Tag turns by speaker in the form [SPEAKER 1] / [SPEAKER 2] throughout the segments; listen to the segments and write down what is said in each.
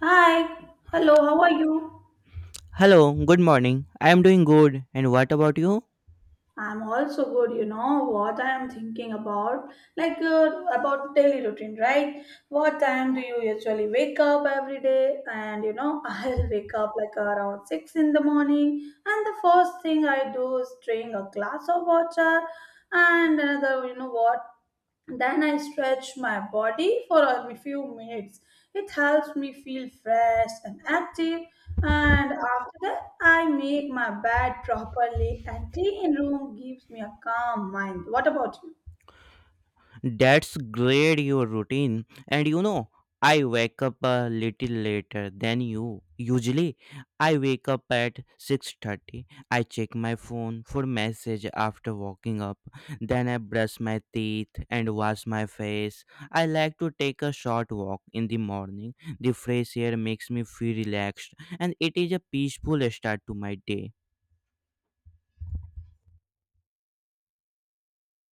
[SPEAKER 1] Hi, hello, how are you?
[SPEAKER 2] Hello, good morning. I am doing good. And what about you?
[SPEAKER 1] I'm also good, you know what I am thinking about? About daily routine, right? What time do you usually wake up every day? And you know, I'll wake up like around 6 in the morning, and the first thing I do is drink a glass of water and another, you know what? Then I stretch my body for a few minutes. It helps me feel fresh and active. And after that, I make my bed properly, and clean room gives me a calm mind. What about you?
[SPEAKER 2] That's great, your routine. And you know, I wake up a little later than you. Usually, I wake up at 6:30. I check my phone for message after waking up. Then I brush my teeth and wash my face. I like to take a short walk in the morning. The fresh air makes me feel relaxed and it is a peaceful start to my day.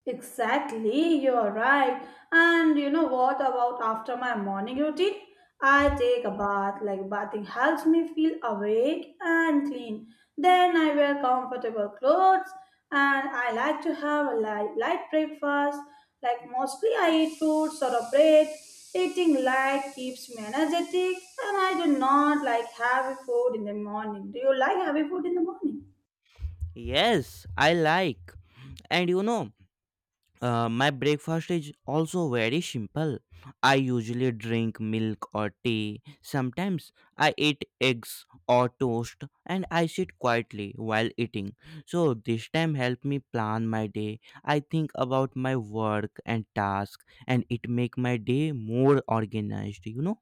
[SPEAKER 1] Exactly, you're right. And you know what about after my morning routine? I take a bath, like bathing helps me feel awake and clean. Then I wear comfortable clothes and I like to have a light breakfast. Like mostly I eat fruits or a bread. Eating light keeps me energetic and I do not like heavy food in the morning. Do you like heavy food in the morning?
[SPEAKER 2] Yes, I like. And you know, my breakfast is also very simple. I usually drink milk or tea. Sometimes I eat eggs or toast and I sit quietly while eating. So this time help me plan my day. I think about my work and task and it make my day more organized.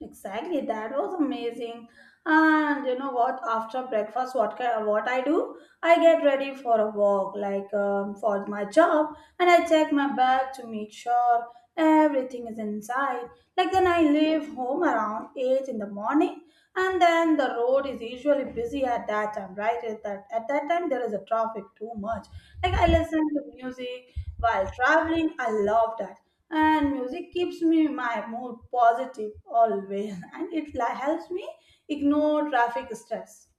[SPEAKER 1] Exactly, that was amazing. And you know what? After breakfast, what I do? I get ready for a walk, for my job, and I check my bag to make sure everything is inside. Like then I leave home around eight in the morning, and then the road is usually busy at that time, right? At that time there is a traffic too much. Like I listen to music while traveling. I love that and music keeps me my mood positive always and helps me ignore traffic stress.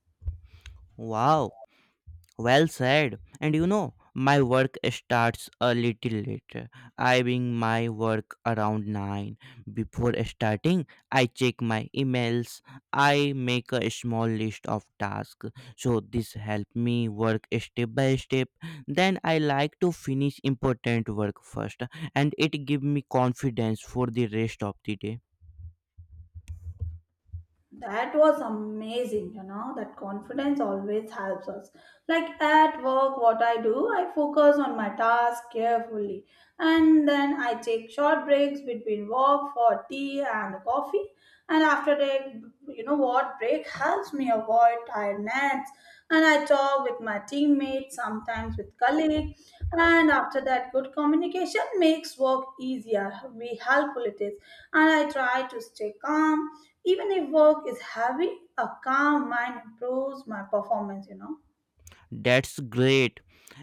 [SPEAKER 2] Wow. Well said. And you know, my work starts a little later. I bring my work around 9. Before starting, I check my emails. I make a small list of tasks. So this help me work step by step. Then I like to finish important work first and it give me confidence for the rest of the day.
[SPEAKER 1] That was amazing, you know, that confidence always helps us. Like at work, what I do, I focus on my task carefully, and then I take short breaks between work for tea and coffee. And after that, you know what, break helps me avoid tiredness, and I talk with my teammates, sometimes with colleagues. And after that, good communication makes work easier. We helpful it is. And I try to stay calm. Even if work is heavy, a calm mind improves my performance, you know.
[SPEAKER 2] That's great.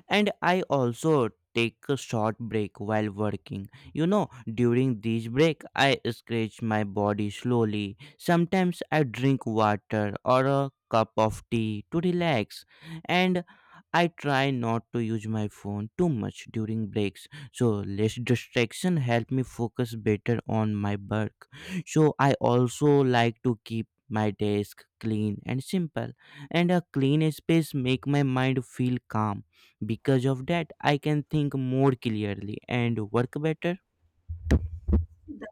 [SPEAKER 2] And I also take a short break while working. You know, during this break, I scratch my body slowly. Sometimes I drink water or a cup of tea to relax. And I try not to use my phone too much during breaks. So less distraction help me focus better on my work. So I also like to keep my desk clean and simple and a clean space make my mind feel calm because of that I can think more clearly and work better.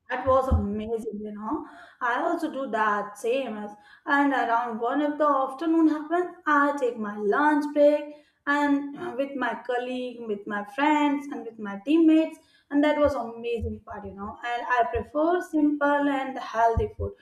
[SPEAKER 1] That was amazing, you know. I also do that same as and around one of the afternoon happens, I take my lunch break and with my colleague, with my friends, and with my teammates, and that was amazing part, you know. And I prefer simple and healthy food.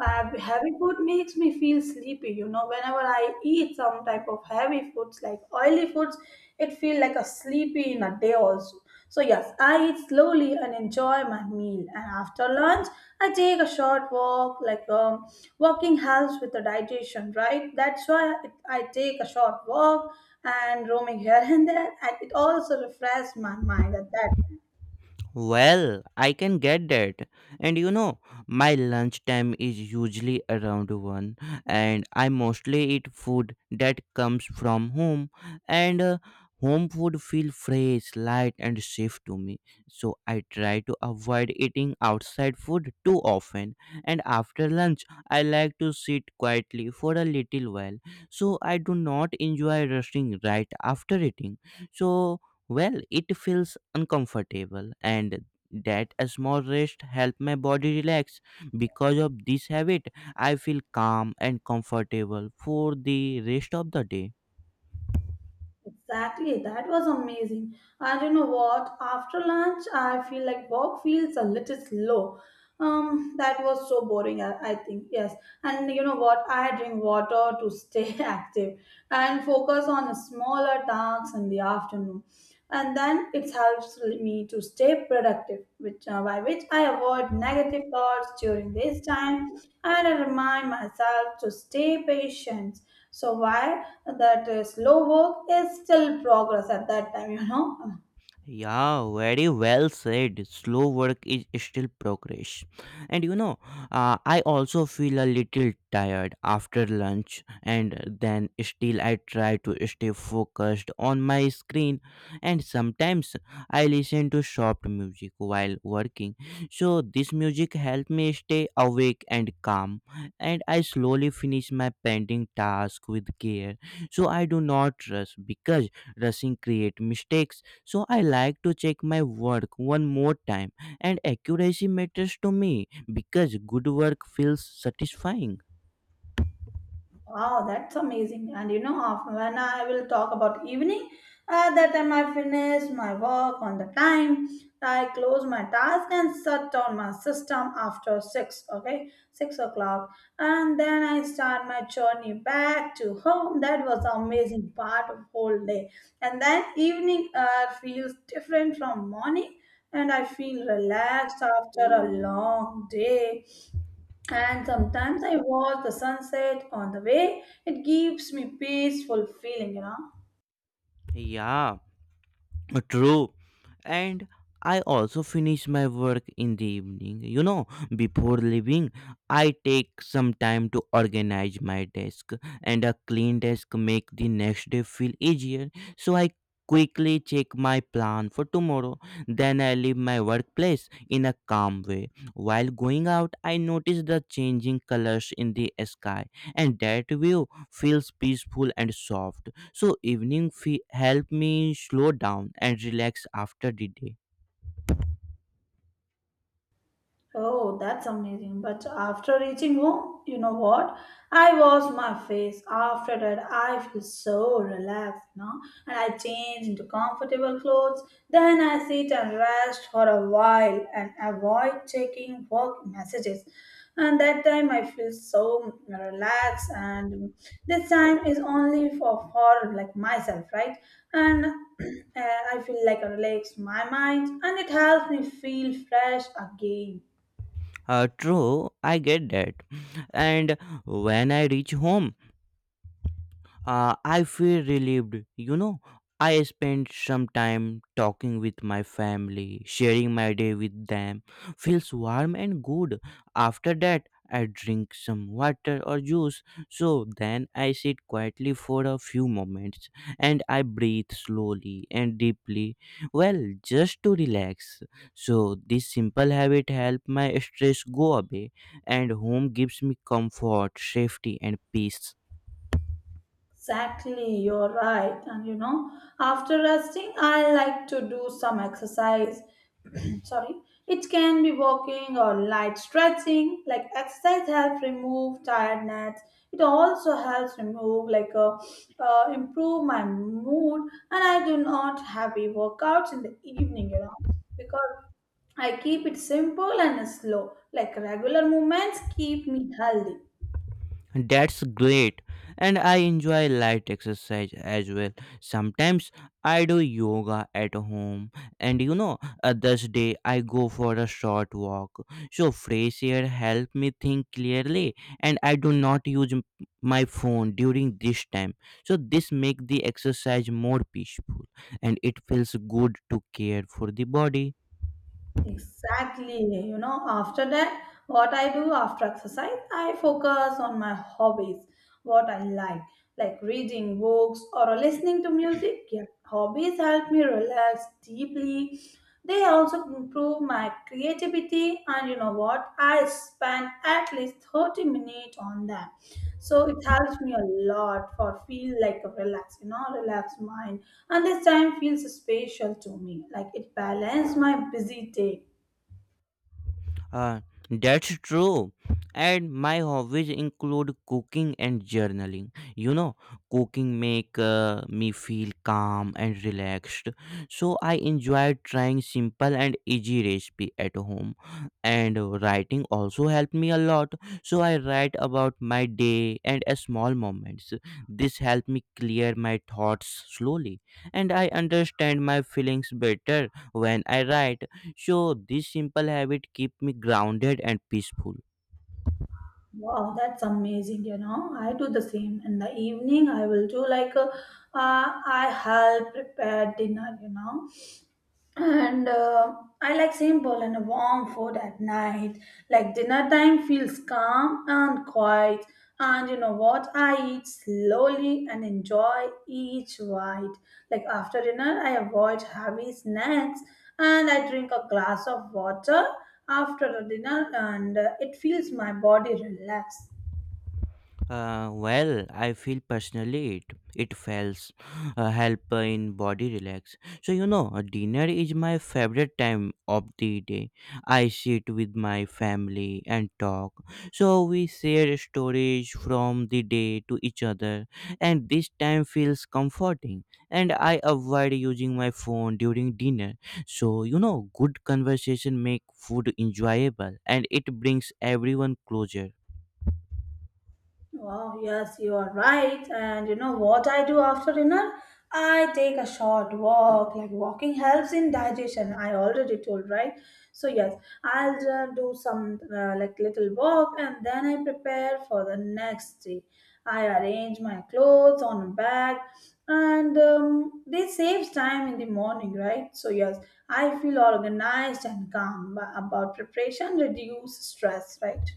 [SPEAKER 1] Heavy food makes me feel sleepy. You know, whenever I eat some type of heavy foods like oily foods, it feels like a sleepy in a day also. So yes, I eat slowly and enjoy my meal. And after lunch, I take a short walk. Walking helps with the digestion, right? That's why I take a short walk and roaming here and there, and it also refreshes my mind at that.
[SPEAKER 2] Well, I can get that. And you know, my lunchtime is usually around 1 and I mostly eat food that comes from home and home food feel fresh, light and safe to me. So I try to avoid eating outside food too often and after lunch I like to sit quietly for a little while. So I do not enjoy rushing right after eating. So well, it feels uncomfortable, and that a small rest helps my body relax. Because of this habit, I feel calm and comfortable for the rest of the day.
[SPEAKER 1] Exactly, that was amazing. And you know what? After lunch, I feel like work feels a little slow. That was so boring, I think. Yes. And you know what? I drink water to stay active and focus on smaller tasks in the afternoon. And then it helps me to stay productive, which by which I avoid negative thoughts during this time and I remind myself to stay patient. So why that slow work is still progress at that time, you know?
[SPEAKER 2] Yeah, very well said. Slow work is still progress. And you know, I also feel a little tired after lunch, and then still I try to stay focused on my screen. And sometimes I listen to soft music while working. So this music helps me stay awake and calm. And I slowly finish my pending task with care. So I do not rush because rushing creates mistakes, so I like to check my work one more time, and accuracy matters to me because good work feels satisfying.
[SPEAKER 1] Wow, that's amazing. And you know, when I will talk about evening, at that time I finish my work on the time. I close my task and shut down my system after six, okay, 6 o'clock. And then I start my journey back to home. That was the amazing part of whole day. And then evening feels different from morning and I feel relaxed after a long day and sometimes I watch the sunset on the way. It gives me peaceful feeling, you know.
[SPEAKER 2] Yeah, true. And I also finish my work in the evening. You know, before leaving, I take some time to organize my desk, and a clean desk make the next day feel easier. So I quickly check my plan for tomorrow. Then I leave my workplace in a calm way. While going out, I notice the changing colors in the sky, and that view feels peaceful and soft. So evening fee help me slow down and relax after the day.
[SPEAKER 1] Oh, that's amazing. But after reaching home, you know what? I wash my face. After that, I feel so relaxed, you know. And I change into comfortable clothes. Then I sit and rest for a while and avoid checking work messages. And that time I feel so relaxed. And this time is only for like myself, right? And I feel like I relax my mind and it helps me feel fresh again.
[SPEAKER 2] True, I get that. And when I reach home, I feel relieved. You know, I spent some time talking with my family, sharing my day with them. Feels warm and good. After that, I drink some water or juice. So then I sit quietly for a few moments and I breathe slowly and deeply. Well, just to relax. So this simple habit helps my stress go away and home gives me comfort, safety and peace.
[SPEAKER 1] Exactly, you're right. And you know, after resting, I like to do some exercise. Sorry, it can be walking or light stretching. Like exercise helps remove tiredness. It also helps remove improve my mood. And I do not heavy workouts in the evening. You know, because I keep it simple and slow. Like regular movements keep me healthy.
[SPEAKER 2] That's great. And I enjoy light exercise as well. Sometimes I do yoga at home, and you know, others day I go for a short walk. So fresh air help me think clearly, and I do not use my phone during this time. So this make the exercise more peaceful, and it feels good to care for the body.
[SPEAKER 1] Exactly. You know, after that, what I do after exercise, I focus on my hobbies, what I like reading books or listening to music. Yeah, hobbies help me relax deeply. They also improve my creativity, and you know what? I spend at least 30 minutes on them. So it helps me a lot for feel like a relax, you know, relaxed mind. And this time feels special to me. Like it balanced my busy day.
[SPEAKER 2] Uh, that's true. And my hobbies include cooking and journaling. You know, cooking make me feel calm and relaxed. So I enjoy trying simple and easy recipe at home. And writing also helped me a lot. So I write about my day and small moments. This helped me clear my thoughts slowly, and I understand my feelings better when I write, so this simple habit keep me grounded and peaceful.
[SPEAKER 1] Wow, that's amazing, you know. I do the same. In the evening, I will do I help prepare dinner, you know. And I like simple and warm food at night. Like dinner time feels calm and quiet, and you know what, I eat slowly and enjoy each bite. Like after dinner, I avoid heavy snacks and I drink a glass of water after the dinner, and it feels my body relax.
[SPEAKER 2] Well, I feel personally it it feels help in body relax. So you know, dinner is my favorite time of the day. I sit with my family and talk. So we share stories from the day to each other, and this time feels comforting. And I avoid using my phone during dinner. So you know, good conversation make food enjoyable, and it brings everyone closer.
[SPEAKER 1] Wow, yes, you are right. And you know what I do after dinner? I take a short walk. Like walking helps in digestion. I already told, right? So yes, I'll do some like little walk and then I prepare for the next day. I arrange my clothes on a bag and this saves time in the morning, right? So yes, I feel organized and calm about preparation, reduce stress, right?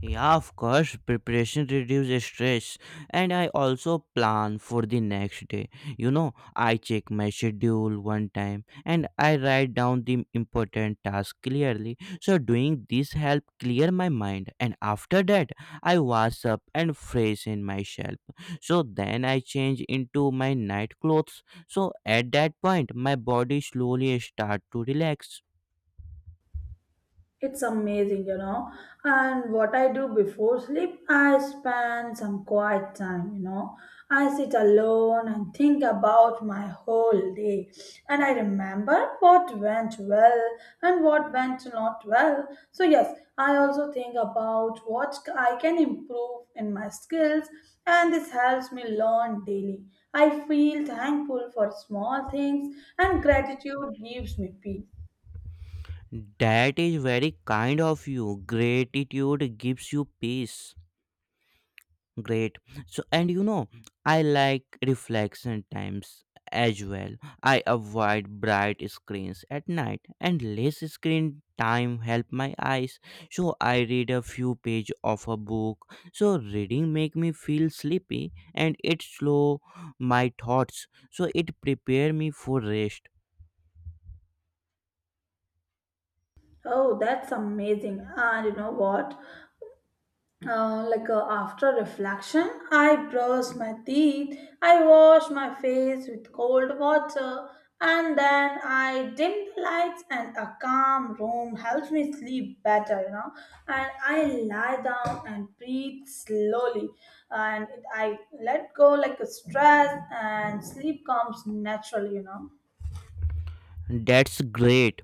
[SPEAKER 2] Yeah, of course, preparation reduces stress, and I also plan for the next day. You know, I check my schedule one time and I write down the important tasks clearly. So, doing this help clear my mind, and after that, I wash up and freshen myself. So, then I change into my night clothes. So, at that point, my body slowly start to relax.
[SPEAKER 1] It's amazing, you know. And what I do before sleep, I spend some quiet time, you know. I sit alone and think about my whole day. And I remember what went well and what went not well. So, yes, I also think about what I can improve in my skills, and this helps me learn daily. I feel thankful for small things, and gratitude gives me peace.
[SPEAKER 2] That is very kind of you. Gratitude gives you peace. Great. So, and you know, I like reflection times as well. I avoid bright screens at night, and less screen time help my eyes. So I read a few page of a book. So reading make me feel sleepy, and it slow my thoughts. So it prepare me for rest.
[SPEAKER 1] Oh, that's amazing. And you know what? After reflection, I brush my teeth, I wash my face with cold water, and then I dim the lights, and a calm room helps me sleep better, you know. And I lie down and breathe slowly, and I let go like a stress, and sleep comes naturally, you know.
[SPEAKER 2] That's great,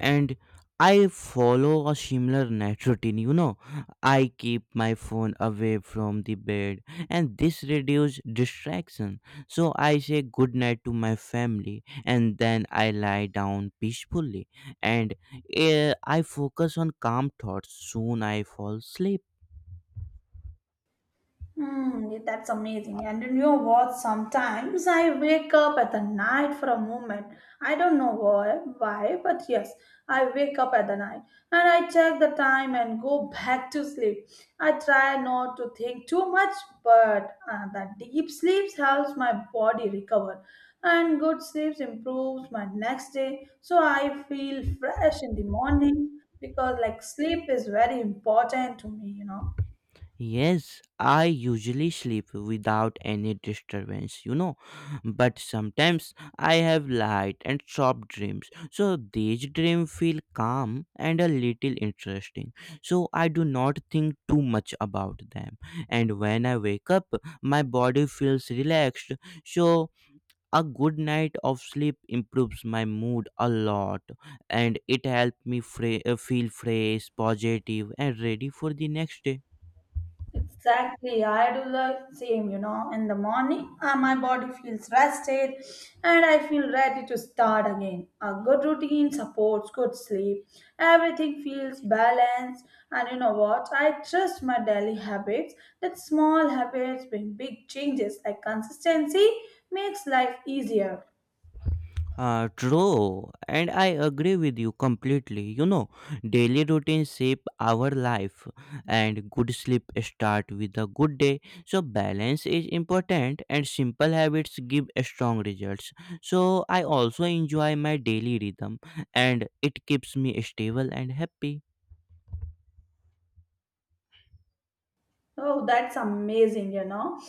[SPEAKER 2] and I follow a similar night routine, you know. I keep my phone away from the bed and this reduces distraction. So I say good night to my family and then I lie down peacefully and I focus on calm thoughts. Soon I fall asleep.
[SPEAKER 1] Mm, that's amazing. And you know what? Sometimes I wake up at the night for a moment. I don't know why, but yes, I wake up at the night and I check the time and go back to sleep. I try not to think too much, but the deep sleep helps my body recover, and good sleep improves my next day. So I feel fresh in the morning because like sleep is very important to me, you know.
[SPEAKER 2] Yes, I usually sleep without any disturbance, you know, but sometimes I have light and soft dreams. So these dreams feel calm and a little interesting. So I do not think too much about them. And when I wake up, my body feels relaxed. So a good night of sleep improves my mood a lot and it helps me feel fresh, positive, and ready for the next day.
[SPEAKER 1] Exactly, I do the same, you know. In the morning, my body feels rested and I feel ready to start again. A good routine supports good sleep, everything feels balanced. And you know what? I trust my daily habits that small habits bring big changes, like consistency makes life easier.
[SPEAKER 2] True, and I agree with you completely. You know, daily routines shape our life, and good sleep start with a good day. So balance is important, and simple habits give strong results. So I also enjoy my daily rhythm, and it keeps me stable and happy.
[SPEAKER 1] Oh, that's amazing, you know.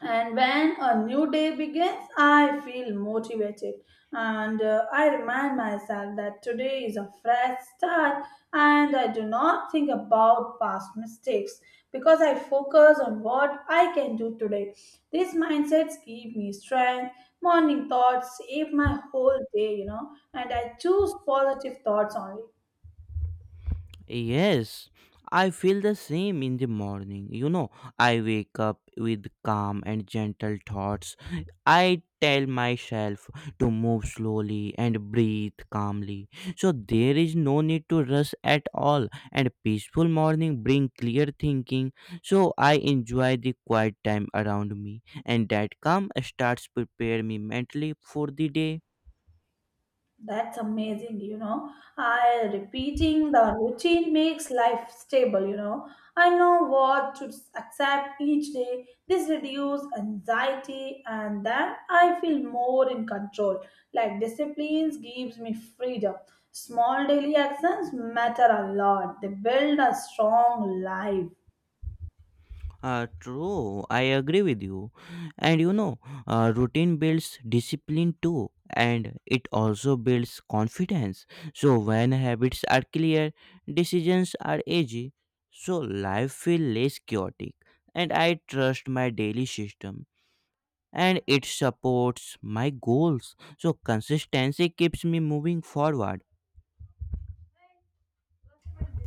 [SPEAKER 1] And when a new day begins, I feel motivated and I remind myself that today is a fresh start and I do not think about past mistakes because I focus on what I can do today. These mindsets give me strength. Morning thoughts save my whole day, you know, and I choose positive thoughts only.
[SPEAKER 2] Yes, I feel the same in the morning. You know, I wake up with calm and gentle thoughts. I tell myself to move slowly and breathe calmly. So there is no need to rush at all and peaceful morning bring clear thinking. So I enjoy the quiet time around me and that calm starts prepare me mentally for the day.
[SPEAKER 1] That's amazing, you know. I repeating the routine makes life stable, you know. I know what to accept each day. This reduce anxiety and then I feel more in control. Like disciplines gives me freedom. Small daily actions matter a lot. They build a strong life.
[SPEAKER 2] True, I agree with you. And you know, routine builds discipline too, and it also builds confidence. So, when habits are clear, decisions are easy. So, life feels less chaotic, and I trust my daily system and it supports my goals. So, consistency keeps me moving forward.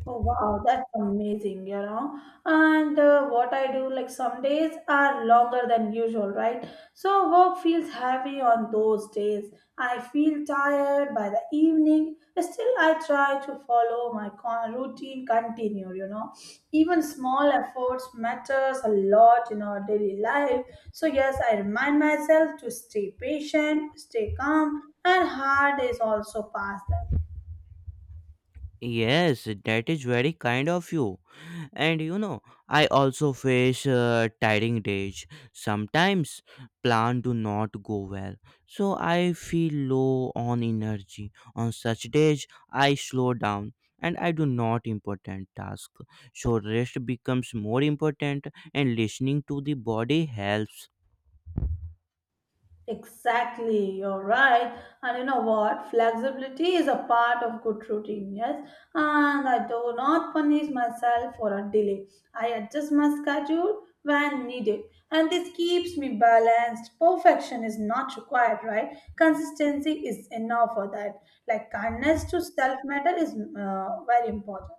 [SPEAKER 1] Oh wow, that's amazing, you know. And what I do, like some days are longer than usual, right? So work feels heavy on those days. I feel tired by the evening. Still, I try to follow my routine, continue, you know. Even small efforts matters a lot in our daily life. So yes, I remind myself to stay patient, stay calm, and hard days also pass them.
[SPEAKER 2] Yes, that is very kind of you. And you know, I also face tiring days sometimes. Plan do not go well, so I feel low on energy. On such days I slow down and I do not important task. So rest becomes more important, and listening to the body helps.
[SPEAKER 1] Exactly, you're right. And you know what? Flexibility is a part of good routine, yes. And I do not punish myself for a delay. I adjust my schedule when needed. And this keeps me balanced. Perfection is not required, right? Consistency is enough for that. Like kindness to self matter is very important.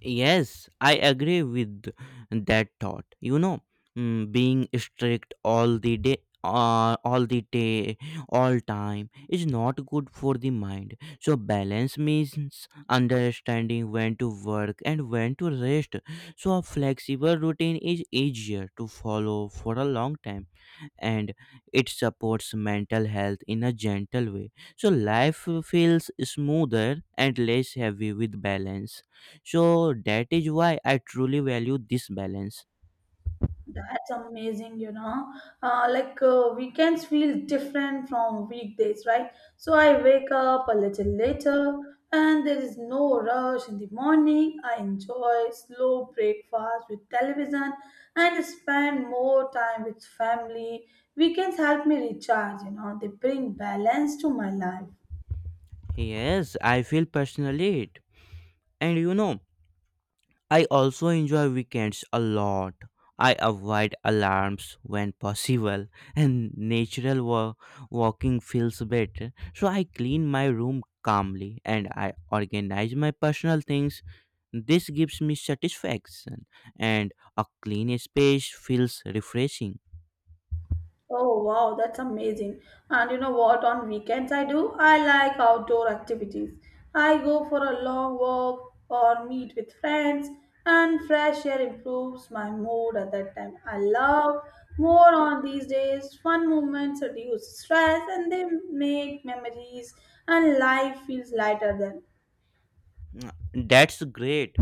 [SPEAKER 2] Yes, I agree with that thought. You know, being strict all the day, all time is not good for the mind. So balance means understanding when to work and when to rest. So a flexible routine is easier to follow for a long time and it supports mental health in a gentle way. So life feels smoother and less heavy with balance. So that is why I truly value this balance.
[SPEAKER 1] That's amazing, you know. Weekends feel different from weekdays, right? So I wake up a little later and there is no rush in the morning. I enjoy slow breakfast with television and spend more time with family. Weekends help me recharge, you know, they bring balance to my life.
[SPEAKER 2] Yes, I feel personally it. And you know, I also enjoy weekends a lot. I avoid alarms when possible, and natural walking feels better. So I clean my room calmly and I organize my personal things. This gives me satisfaction, and a clean space feels refreshing.
[SPEAKER 1] Oh wow, that's amazing. And you know what? On weekends, I do. I like outdoor activities. I go for a long walk or meet with friends, and fresh air improves my mood at that time. I love more on these days. Fun moments reduce stress and they make memories, and life feels lighter then.
[SPEAKER 2] That's great.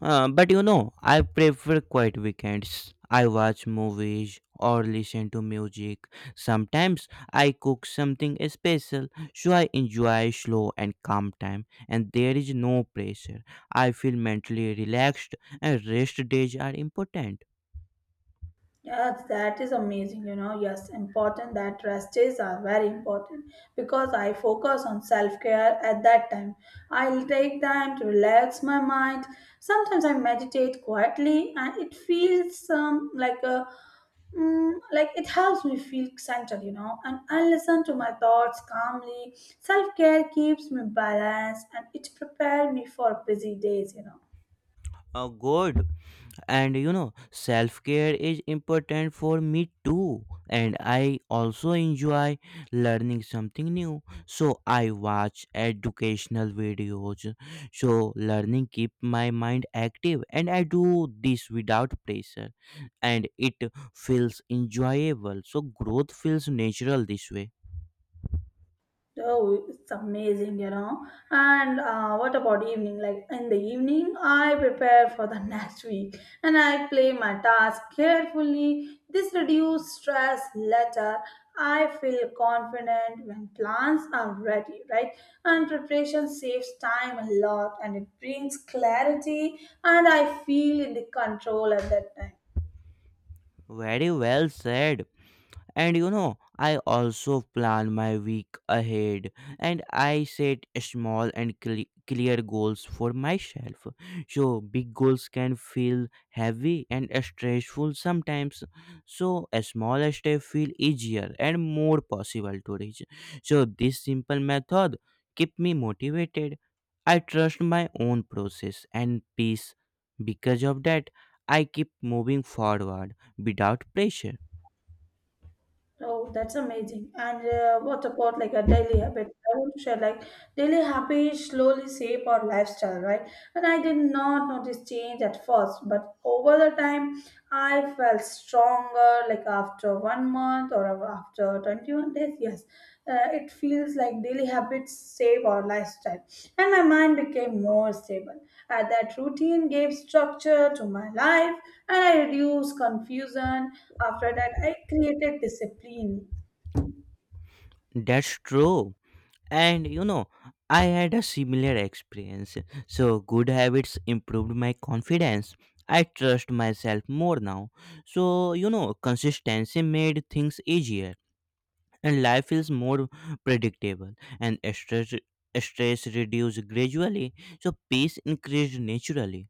[SPEAKER 2] But you know, I prefer quiet weekends. I watch movies or listen to music. Sometimes I cook something special, so I enjoy slow and calm time, and there is no pressure. I feel mentally relaxed, and rest days are important.
[SPEAKER 1] Yes, that is amazing. You know, yes, important that rest days are very important because I focus on self care at that time. I'll take time to relax my mind. Sometimes I meditate quietly, and it feels like it helps me feel centered. You know, and I listen to my thoughts calmly. Self care keeps me balanced, and it prepares me for busy days. You know.
[SPEAKER 2] Oh, good. And you know, self care is important for me too, and I also enjoy learning something new. So I watch educational videos, so learning keep my mind active and I do this without pressure, and it feels enjoyable. So growth feels natural this way.
[SPEAKER 1] Oh, it's amazing, you know. And what about evening? Like in the evening, I prepare for the next week and I play my task carefully. This reduces stress later. I feel confident when plans are ready, right? And preparation saves time a lot and it brings clarity, and I feel in the control at that time.
[SPEAKER 2] Very well said. And you know, I also plan my week ahead and I set small and clear goals for myself. So, big goals can feel heavy and stressful sometimes. So, a small step feel easier and more possible to reach. So, this simple method keep me motivated. I trust my own process and peace. Because of that, I keep moving forward without pressure.
[SPEAKER 1] Oh, that's amazing. And what about like a daily habit? I want to share like daily habits slowly shape our lifestyle, right? And I did not notice change at first, but over the time, I felt stronger like after one month or after 21 days, yes, it feels like daily habits save our lifestyle. And my mind became more stable. That routine gave structure to my life and I reduced confusion. After that, I created discipline.
[SPEAKER 2] That's true. And you know, I had a similar experience. So good habits improved my confidence. I trust myself more now. So you know, consistency made things easier, and life feels more predictable. And stress reduced gradually, so peace increased naturally.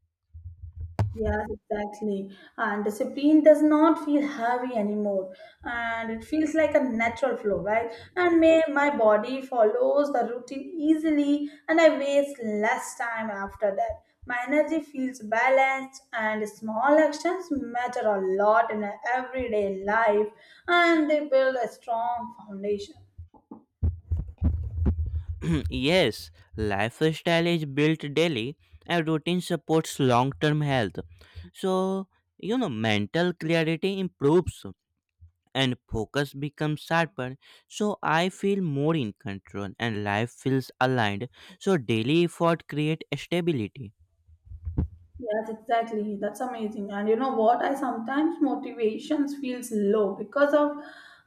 [SPEAKER 1] Yes, exactly. And discipline does not feel heavy anymore, and it feels like a natural flow, right? And may my body follows the routine easily, and I waste less time after that. My energy feels balanced, and small actions matter a lot in a everyday life, and they build a strong foundation.
[SPEAKER 2] Yes, lifestyle is built daily, and routine supports long-term health. So you know, mental clarity improves and focus becomes sharper. So I feel more in control and life feels aligned. So daily effort create stability.
[SPEAKER 1] Yes, exactly. That's amazing. And you know what? I sometimes motivations feels low because of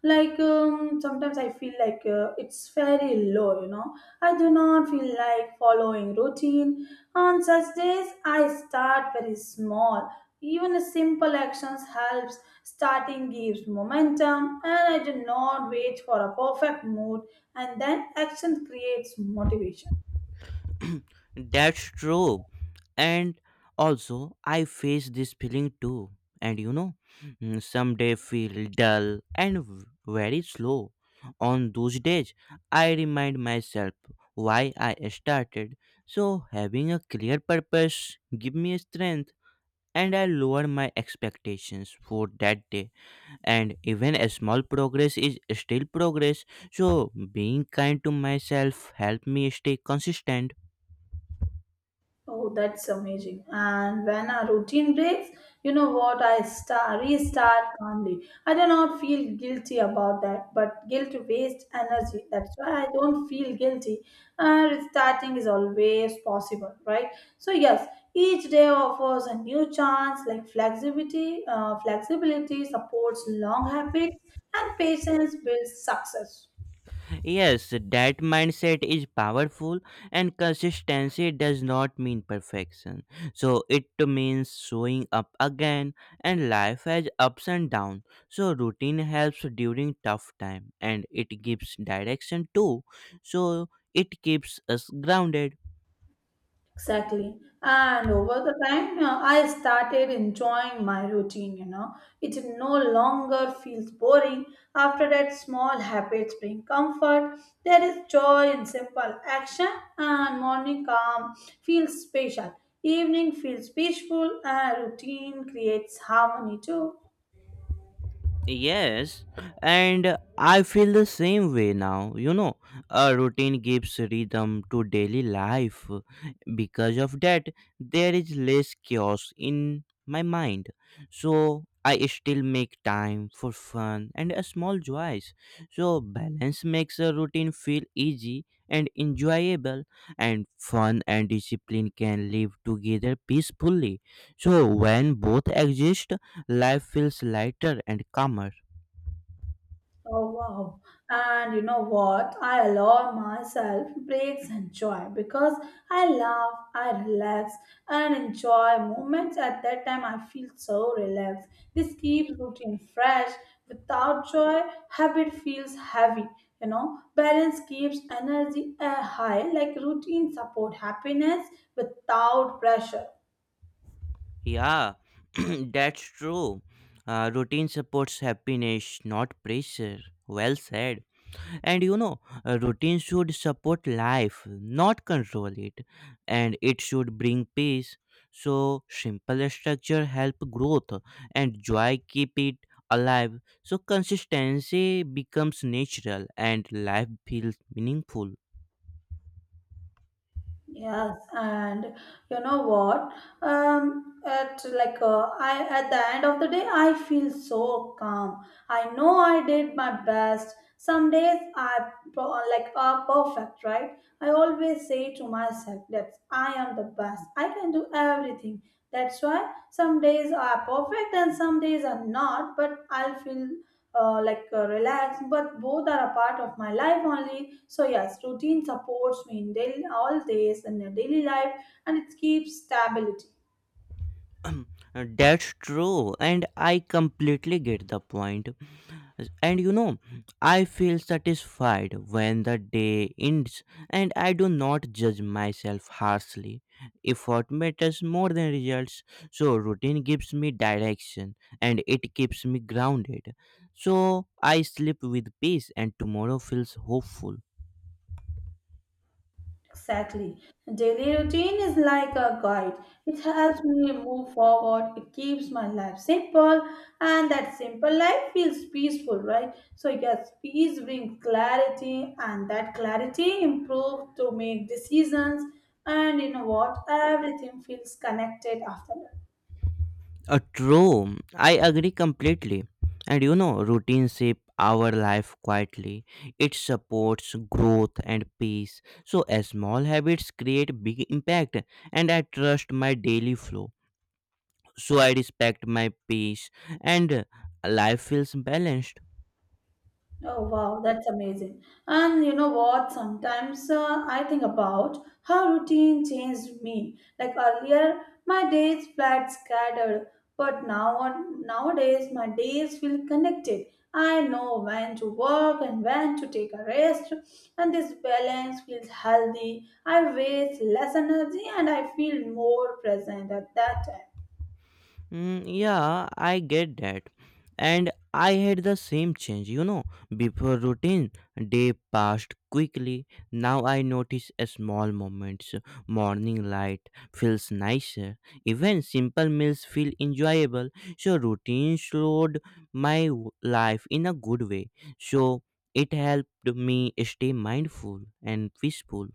[SPEAKER 1] like sometimes I feel like it's very low, you know. I do not feel like following routine. On such days, I start very small. Even a simple actions helps. Starting gives momentum, and I do not wait for a perfect mood, and then action creates motivation.
[SPEAKER 2] That's true. And also I face this feeling too. And you know, some day feel dull and very slow. On those days, I remind myself why I started. So having a clear purpose give me strength, and I lower my expectations for that day. And even a small progress is still progress. So being kind to myself help me stay consistent.
[SPEAKER 1] Oh, that's amazing. And when a routine breaks, you know what? I start, restart calmly. I do not feel guilty about that, but guilt wastes energy. That's why I don't feel guilty. Restarting is always possible, right? So yes, each day offers a new chance. Like flexibility supports long habits, and patience builds success.
[SPEAKER 2] Yes, that mindset is powerful, and consistency does not mean perfection. So it means showing up again. And life has ups and downs, so routine helps during tough time, and it gives direction too. So it keeps us grounded.
[SPEAKER 1] Exactly. And over the time, I started enjoying my routine, you know. It no longer feels boring. After that, small habits bring comfort. There is joy in simple action, and morning calm feels special. Evening feels peaceful, and routine creates harmony too.
[SPEAKER 2] Yes, and I feel the same way now. You know, a routine gives rhythm to daily life. Because of that, there is less chaos in my mind. So I still make time for fun and a small joys. So balance makes a routine feel easy and enjoyable, and fun and discipline can live together peacefully. So when both exist, life feels lighter and calmer.
[SPEAKER 1] Oh wow. And you know what? I allow myself breaks and joy because I laugh, I relax, and enjoy moments at that time I feel so relaxed. This keeps routine fresh. Without joy, habit feels heavy. You know, balance keeps energy high, like routine support happiness without pressure.
[SPEAKER 2] Yeah, that's true. Routine supports happiness, not pressure. Well said. And you know, a routine should support life, not control it. And it should bring peace. So, simple structure help growth, and joy keep it alive. So, consistency becomes natural and life feels meaningful.
[SPEAKER 1] Yes, and you know what? At like I at the end of the day, I feel so calm. I know I did my best. Some days I pro- like are perfect, right? I always say to myself that I am the best. I can do everything. That's why some days are perfect and some days are not. But I'll feel relax but both are a part of my life only, so yes, routine supports me in daily all days in the daily life and it keeps stability.
[SPEAKER 2] That's true, and I completely get the point. And you know, I feel satisfied when the day ends, and I do not judge myself harshly. Effort matters more than results, so routine gives me direction, and it keeps me grounded. So I sleep with peace, and tomorrow feels hopeful.
[SPEAKER 1] Exactly, daily routine is like a guide. It helps me move forward, it keeps my life simple, and that simple life feels peaceful, right? So yes, peace brings clarity and that clarity improves to make decisions, and you know what, everything feels connected after that.
[SPEAKER 2] True, I agree completely. And you know, routine shape our life quietly. It supports growth and peace. So, small habits create big impact, and I trust my daily flow. So, I respect my peace, and life feels balanced.
[SPEAKER 1] Oh wow, that's amazing. And you know what? Sometimes I think about how routine changed me. Like earlier, my days felt scattered, but now nowadays my days feel connected. I know when to work and when to take a rest, and this balance feels healthy. I waste less energy and I feel more present at that time.
[SPEAKER 2] Yeah, I get that. And I had the same change, you know. Before routine, day passed quickly. Now I notice a small moments. Morning light feels nicer. Even simple meals feel enjoyable. So routine slowed my life in a good way. So it helped me stay mindful and peaceful.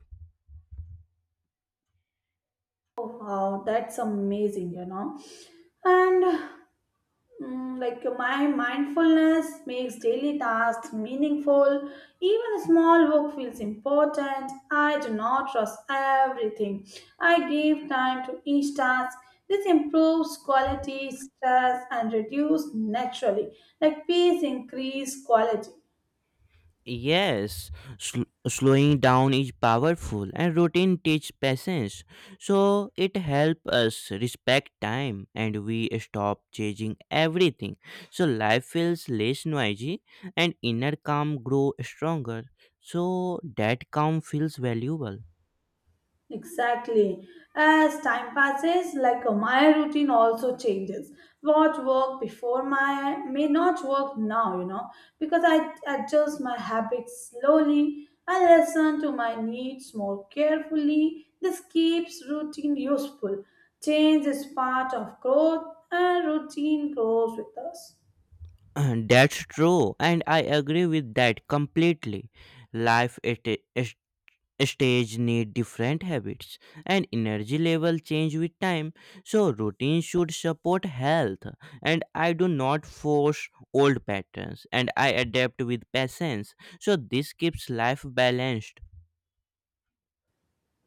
[SPEAKER 1] Oh wow, that's amazing, you know. And my mindfulness makes daily tasks meaningful, even small work feels important. I do not rush everything, I give time to each task. This improves quality, stress and reduce naturally, like peace increase quality.
[SPEAKER 2] Yes, slowing down is powerful, and routine teaches patience. So it helps us respect time, and we stop chasing everything. So life feels less noisy and inner calm grow stronger. So that calm feels valuable.
[SPEAKER 1] Exactly. As time passes, like my routine also changes. What worked before my may not work now, you know, because I adjust my habits slowly. I listen to my needs more carefully. This keeps routine useful. Change is part of growth, and routine grows with us.
[SPEAKER 2] And that's true, and I agree with that completely. Life it is stage need different habits, and energy level change with time. So routine should support health, and I do not force old patterns, and I adapt with patience. So this keeps life balanced.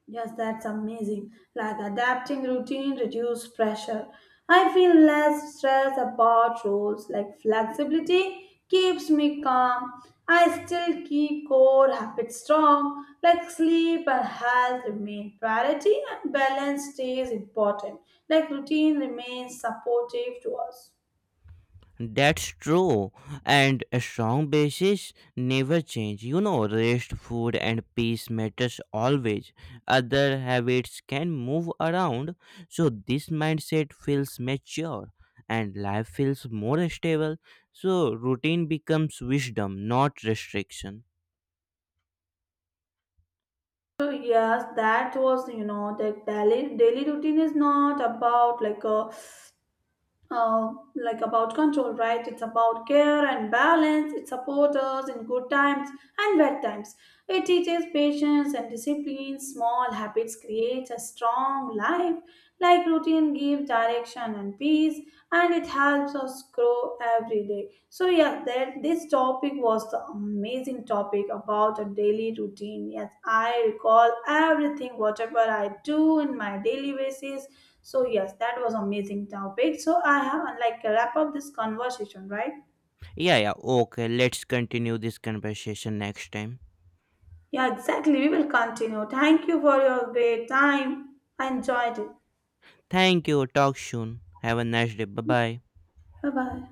[SPEAKER 1] Yes, that's amazing. Like adapting routine reduce pressure. I feel less stress about roles. Like flexibility keeps me calm. I still keep core habits strong. Like sleep and health remain priority and balance stays important. Like routine remains supportive to us.
[SPEAKER 2] That's true, and a strong basis never change. You know, rest, food, and peace matters always. Other habits can move around, so this mindset feels mature, and life feels more stable. So routine becomes wisdom, not restriction.
[SPEAKER 1] So yes, that was, you know, the daily routine is not about like a like about control, right? It's about care and balance. It supports us in good times and bad times. It teaches patience and discipline. Small habits create a strong life. Like routine gives direction and peace and it helps us grow every day. So yeah, that this topic was the amazing topic about a daily routine. Yes, I recall everything whatever I do in my daily basis. So yes, that was amazing topic. So I have like wrap up this conversation, right?
[SPEAKER 2] Yeah, yeah. Okay, let's continue this conversation next time.
[SPEAKER 1] Yeah, exactly. We will continue. Thank you for your great time. I enjoyed it.
[SPEAKER 2] Thank you. Talk soon. Have a nice day. Bye bye.
[SPEAKER 1] Bye bye.